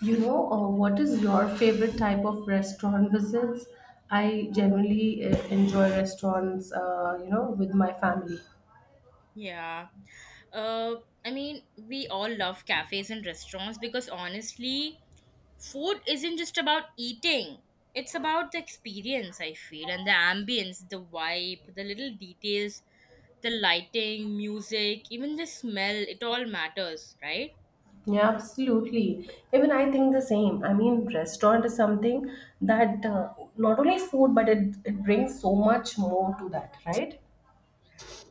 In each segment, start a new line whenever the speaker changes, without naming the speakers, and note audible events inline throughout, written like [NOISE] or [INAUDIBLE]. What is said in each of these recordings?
What is your favorite type of restaurant visits? I generally enjoy restaurants, with my family.
Yeah. Uh, I mean, we all love cafes and restaurants because honestly, food isn't just about eating. It's about the experience, I feel, and the ambience, the vibe, the little details, the lighting, music, even the smell, it all matters, right?
Yeah, absolutely. Even I think the same. I mean, restaurant is something that not only food, but it brings so much more to that, right?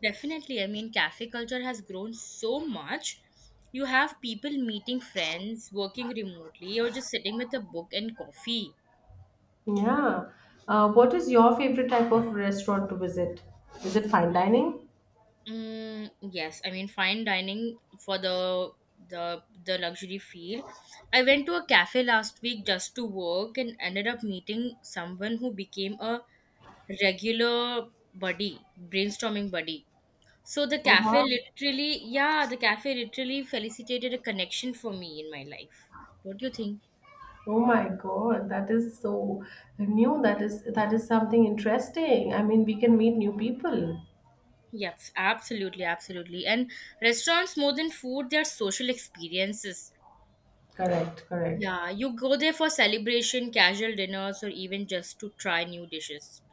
Definitely. I mean, cafe culture has grown so much. You have people meeting friends, working remotely, or just sitting with a book and coffee.
Yeah. What is your favorite type of restaurant to visit? Is it fine dining?
Mm, yes, I mean fine dining for the the luxury field. I went to a cafe last week just to work and ended up meeting someone who became a regular buddy, brainstorming buddy. So the
Oh,
cafe
wow.
literally, yeah, the cafe literally felicitated a connection for me in my life. Don't you think?
Oh my God, that is so new. That is something interesting. I mean, we can meet new people.
Yes, absolutely, absolutely. And restaurants, more than food, they are social experiences.
Correct, correct.
Yeah, you go there for celebration, casual dinners, or even just to try new dishes.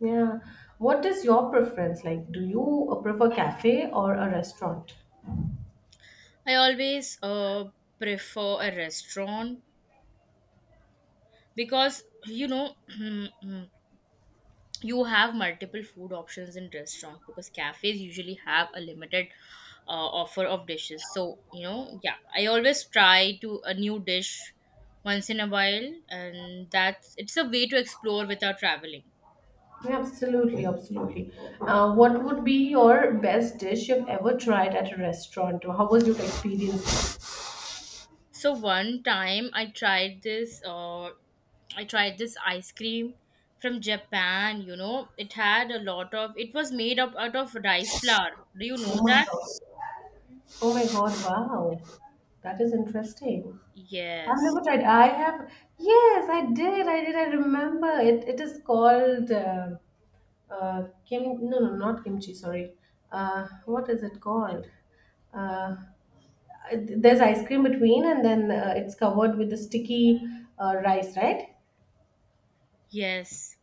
Yeah. What is your preference? Like, do you prefer cafe or a restaurant?
I always prefer a restaurant because [CLEARS THROAT] you have multiple food options in restaurant because cafes usually have a limited offer of dishes. So yeah, I always try to a new dish once in a while, and that's it's a way to explore without traveling.
Yeah, absolutely, absolutely. What would be your best dish you've ever tried at a restaurant? Or how was your experience?
So one time I tried this ice cream from Japan, you know. It had a lot of it was made up out of rice flour. Do you know
Oh my
that?
God. Oh my God, wow. That is interesting. I've
Yes.
never tried. I have, yes, I did. I did. I remember it. It is called kim. No, no, not kimchi. Sorry. What is it called? Uh, there's ice cream between, and then it's covered with the sticky rice, right?
Yes.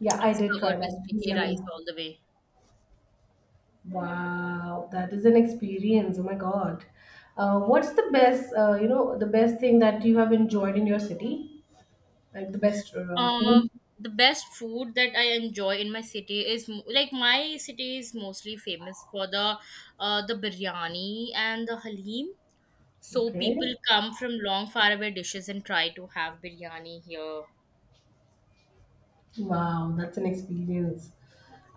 Yeah, I
It's
did
covered
try that.
with
It was
sticky
yummy.
rice all the way.
Wow, that is an experience. Oh my God. What's the best, the best thing that you have enjoyed in your city? Like the best
Um,
food?
the best food that I enjoy in my city is like my city is mostly famous for the biryani and the halim. So
Okay.
people come from long faraway dishes and try to have biryani here.
Wow, that's an experience.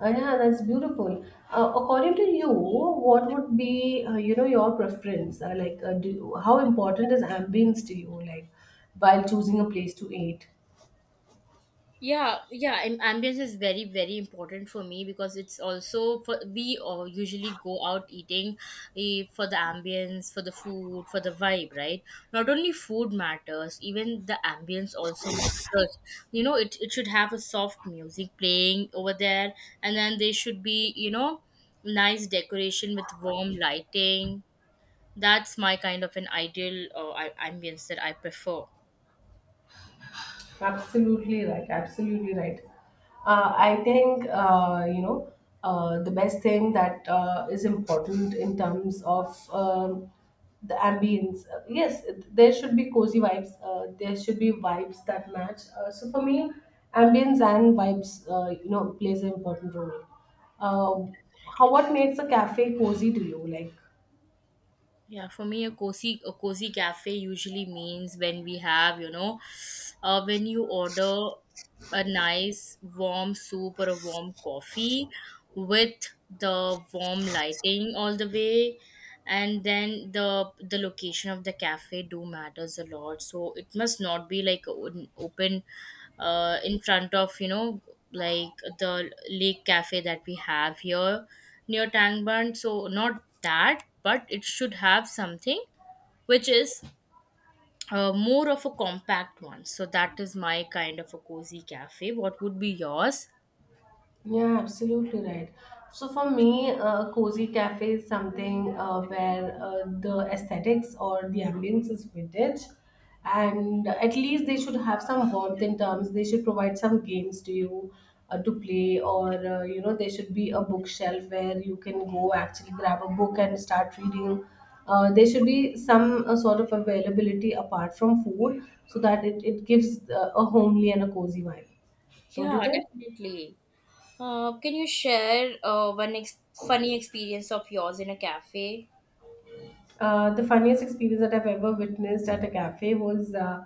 Yeah, that's beautiful. According to you, what would be, your preference? How important is ambience to you, like, while choosing a place to eat?
Yeah, yeah, and ambience is very, very important for me because it's also for we all usually go out eating for the ambience, for the food, for the vibe, right? Not only food matters, even the ambience also matters. You know, it should have a soft music playing over there, and then there should be, you know, nice decoration with warm lighting. That's my kind of an ideal ambience that I prefer.
Absolutely right. Absolutely right. I think the best thing that is important in terms of um, the ambience. Yes, there should be cozy vibes. There should be vibes that match. So for me, ambience and vibes, plays an important role. How what makes a cafe cozy to you? Like,
Yeah, for me, a cozy cafe usually means when we have when you order a nice warm soup or a warm coffee with the warm lighting all the way, and then the location of the cafe do matters a lot, so it must not be like open in front of, you know, like the lake cafe that we have here near Tangban. So not that, but it should have something which is more of a compact one. So that is my kind of a cozy cafe. What would be yours?
yeah, absolutely right. So for me, a cozy cafe is something where the aesthetics or the ambience is vintage, and at least they should have some warmth in terms. They should provide some games to you to play, or there should be a bookshelf where you can go actually grab a book and start reading. There should be some sort of availability apart from food, so that it gives a homely and a cozy vibe. Don't you
Yeah,
think?
definitely. Can you share one funny experience of yours in a cafe?
The funniest experience that I've ever witnessed at a cafe was uh,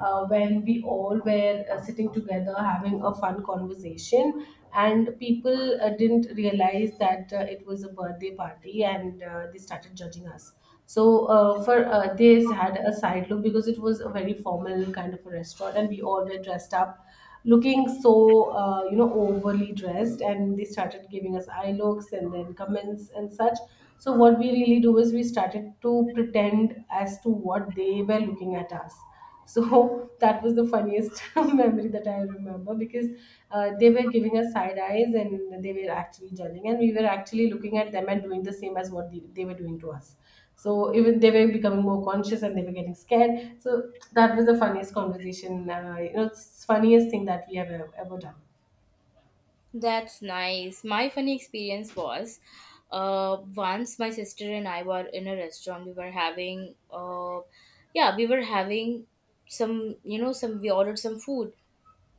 uh, when we all were sitting together having a fun conversation, and people didn't realize that it was a birthday party and they started judging us. So, for they had a side look because it was a very formal kind of a restaurant, and we all were dressed up looking so overly dressed, and they started giving us eye looks and then comments and such, so what we really do is we started to pretend as to what they were looking at us. So [LAUGHS] that was the funniest [LAUGHS] memory that I remember, because they were giving us side eyes and they were actually judging, and we were actually looking at them and doing the same as what they were doing to us. So even they were becoming more conscious and they were getting scared. So that was the funniest conversation. It's funniest thing that we have ever, ever done.
That's nice. My funny experience was once my sister and I were in a restaurant. We were having, yeah, we were having some, you know, some, we ordered some food.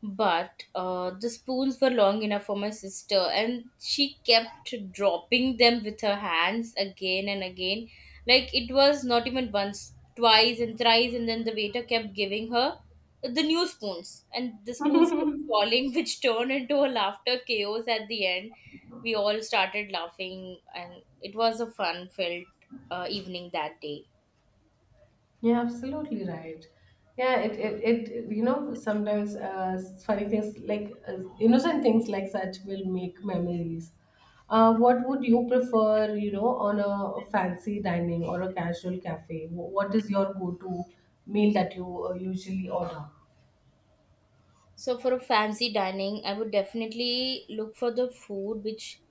But the spoons were long enough for my sister, and she kept dropping them with her hands again and again. Like it was not even once, twice, and thrice, and then the waiter kept giving her the new spoons, and the spoons kept falling, [LAUGHS] which turned into a laughter chaos at the end. We all started laughing, and it was a fun filled evening that day.
Yeah, absolutely right. Yeah, it you know, sometimes funny things like innocent things like such will make memories. What would you prefer, you know, on a fancy dining or a casual cafe? What is your go-to meal that you usually order?
So for a fancy dining, I would definitely look for the food which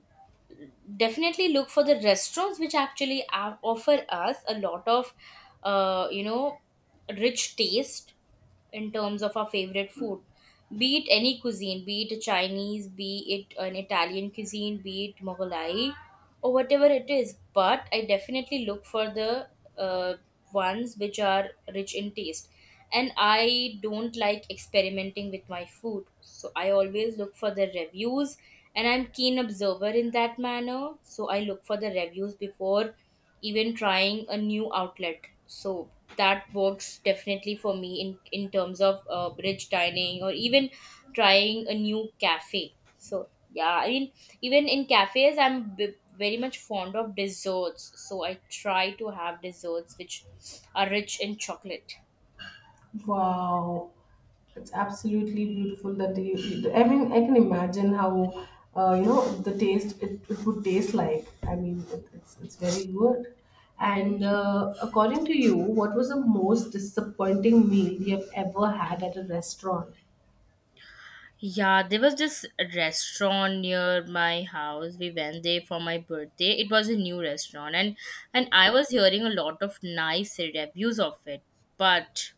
definitely look for the restaurants which offer us a lot of uh, you know rich taste in terms of our favorite food, be it any cuisine, be it Chinese, be it an Italian cuisine, be it Mongolai or whatever it is. But I definitely look for the uh, ones which are rich in taste, and I don't like experimenting with my food, so I always look for the reviews, and I'm keen observer in that manner, so I look for the reviews before even trying a new outlet. So that works definitely for me in terms of bridge dining or even trying a new cafe. So yeah, I mean, even in cafes, I'm very much fond of desserts. So I try to have desserts which are rich in chocolate.
Wow, it's absolutely beautiful that you. I mean, I can imagine how the taste it would taste like. I mean, it, it's very good.
Yeah.
And according to you, what was the most disappointing meal you have ever had at a restaurant?
Yeah, there was this restaurant near my house. We went there for my birthday. It was a new restaurant, and I was hearing a lot of nice reviews of it. But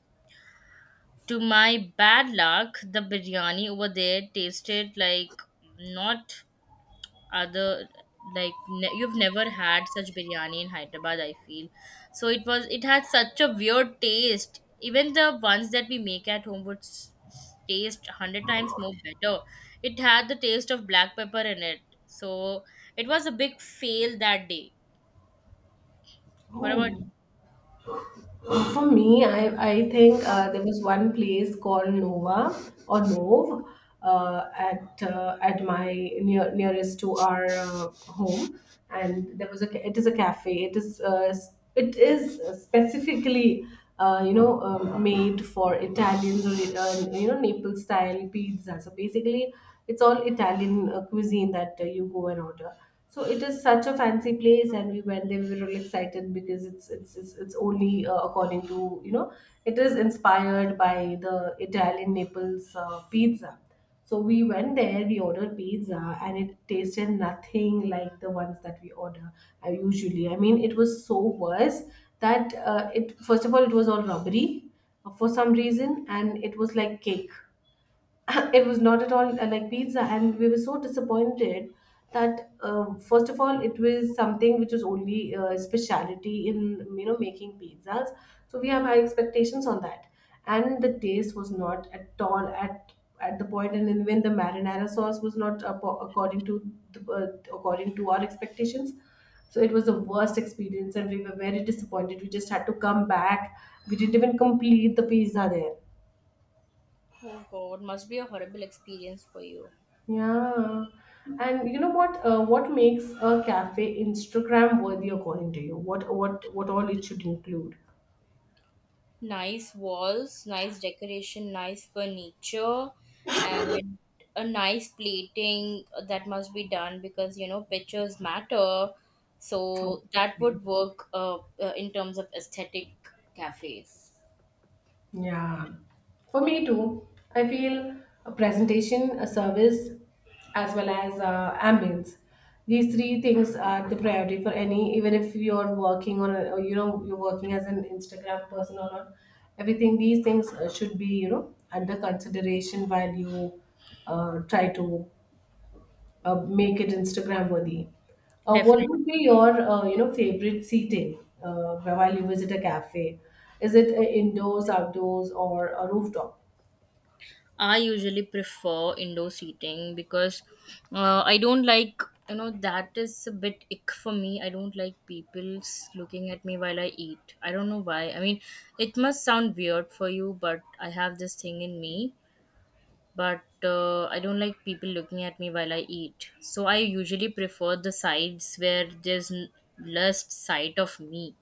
to my bad luck, the biryani over there tasted like not other, like you've never had such biryani in Hyderabad, I feel. So it was, it had such a weird taste. Even the ones that we make at home would taste 100 times more better. It had the taste of black pepper in it. So it was a big fail that day. What about?
Oh. For me, I think there was one place called Nova or Nov, at my near, nearest to our home, and there was a it is a cafe. It is it is specifically made for Italians, or Naples style pizza. So basically, it's all Italian cuisine that you go and order. So it is such a fancy place, and we went there. We were really excited because it's only according to, you know, it is inspired by the Italian Naples pizza. So we went there. We ordered pizza, and it tasted nothing like the ones that we order usually. I mean, it was so worse that it first of all, it was all rubbery for some reason, and it was like cake. [COUGHS] [LAUGHS] It was not at all like pizza, and we were so disappointed that first of all, it was something which was only speciality in, you know, making pizzas, so we have high expectations on that. And the taste was not at all at the point, and then when the marinara sauce was not according to the, according to our expectations. So it was the worst experience, and we were very disappointed. We just had to come back. We didn't even complete the pizza there.
Oh god, must be a horrible experience for you.
Yeah. And you know what, what makes a cafe Instagram worthy according to you? What all it should include?
Nice walls, nice decoration, nice furniture, and a nice plating that must be done, because you know pictures matter. So that
Exactly.
would work in terms of aesthetic cafes.
Yeah. For me too, I feel a presentation, a service, as well as ambience. These three things are the priority for any, even if you're working on, a, or, you know, you're working as an Instagram person or not. Everything these things should be, you know, under consideration while you try to make it Instagram worthy. What
Definitely.
would be your favorite seating while you visit a cafe? Is it indoors, outdoors, or a rooftop?
I usually prefer indoor seating because I don't like, you know, that is a bit ick for me. I don't like looking at me while I eat. I don't know why. I mean, it must sound weird for you, but I have this thing in me. But I don't like people looking at me while I eat. So I usually prefer the sides where there's less sight of me.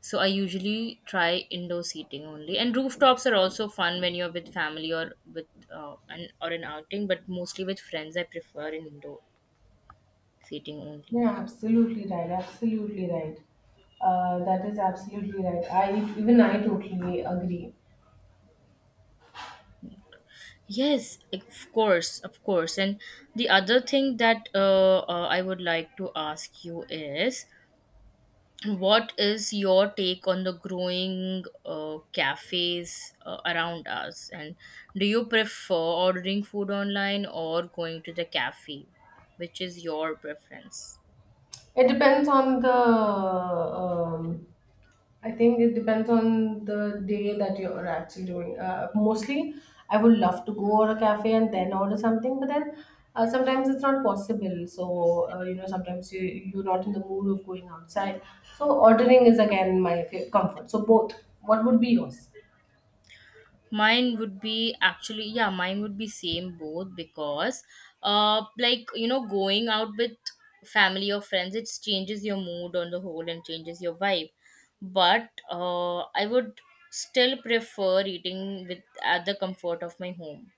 So I usually try indoor seating only. And rooftops are also fun when you're with family or with an outing, but mostly with friends I prefer an indoor seating only.
Yeah, absolutely right. Absolutely right. That is absolutely right. I Even I totally agree.
Yes, of course, of course. And the other thing that I would like to ask you is, what is your take on the growing cafes around us? And do you prefer ordering food online or going to the cafe? Which is your preference?
It depends on the. I think it depends on the day that you're actually doing. Mostly, I would love to go to a cafe and then order something, but then sometimes it's not possible. So sometimes you're not in the mood of going outside. So ordering is again my comfort. So both. What would be yours?
Mine would be actually, yeah, mine would be same, both because, like, you know, going out with family or friends, it changes your mood on the whole and changes your vibe. But I would still prefer eating with at the comfort of my home.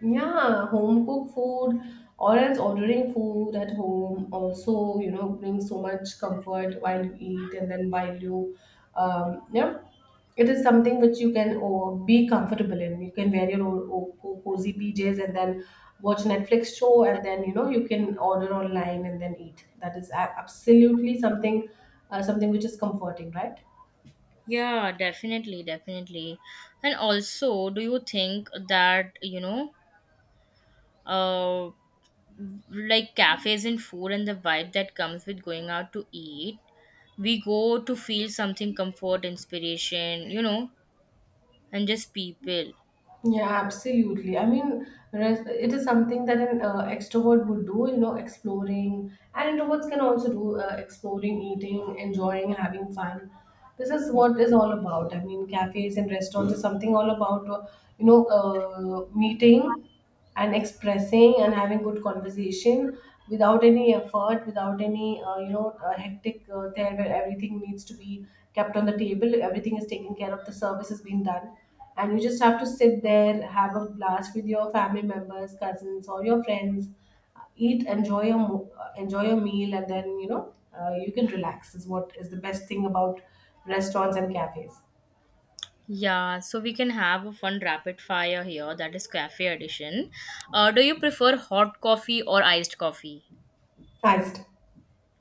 Yeah, home cooked food or else ordering food at home also, you know, brings so much comfort while you eat and then while you, yeah, it is something which you can oh, be comfortable in. You can wear your own oh, cozy PJs and then watch Netflix show, and then, you know, you can order online and then eat. That is absolutely something, something which is comforting, right?
Yeah, definitely, definitely. And also, do you think that, uh, like cafes and food and the vibe that comes with going out to eat, we go to feel something, comfort, inspiration, you know, and just people.
Yeah, absolutely. I mean, it is something that an extrovert would do, you know, exploring. And introverts can also do exploring, eating, enjoying, having fun. This is what is all about. I mean, cafes and restaurants is something all about, meeting and expressing and having good conversation without any effort, without any hectic there, where everything needs to be kept on the table, everything is taken care of, the service is being done, and you just have to sit there, have a blast with your family members, cousins, or your friends, eat, enjoy your enjoy your meal, and then, you know, you can relax, is what is the best thing about restaurants and cafes.
Yeah, so we can have a fun rapid fire here. That is cafe edition. Do you prefer hot coffee or iced coffee?
Iced.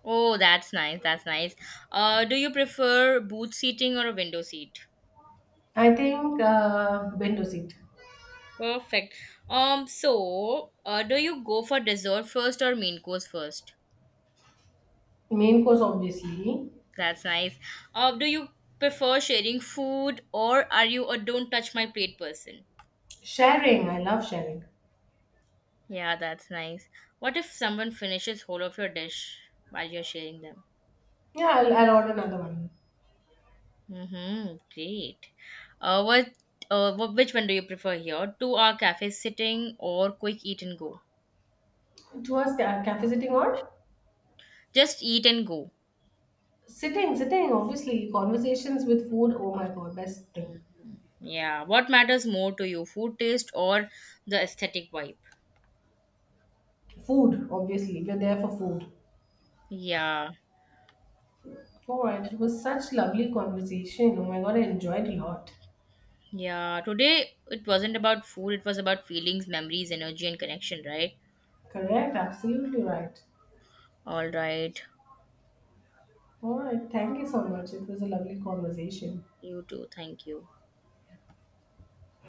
Oh, that's nice. That's nice. Do you prefer booth seating or a window seat?
I think window seat.
Perfect. Do you go for dessert first or main course first?
Main course, obviously.
That's nice. Do you prefer sharing food, or are you a don't touch my plate person?
Sharing, I love sharing.
Yeah, that's nice. What if someone finishes whole of your dish while you're sharing them?
Yeah, I'll order another one.
Mm-hmm, great. Uh, what, which one do you prefer here? Two-hour cafe sitting or quick eat and go?
Towards cafe sitting or
Just eat and go.
sitting, sitting, obviously. Conversations with food, oh my god, best thing.
Yeah, what matters more to you, food taste or the aesthetic vibe?
Food, obviously. We're there for food.
Yeah,
All right, it was such lovely conversation. Oh my god, I enjoyed a lot.
yeah. Today it wasn't about food, it was about feelings, memories, energy, and connection, right?
Correct, absolutely right.
All right.
All right, thank you so much. It was a lovely conversation.
You too. Thank you.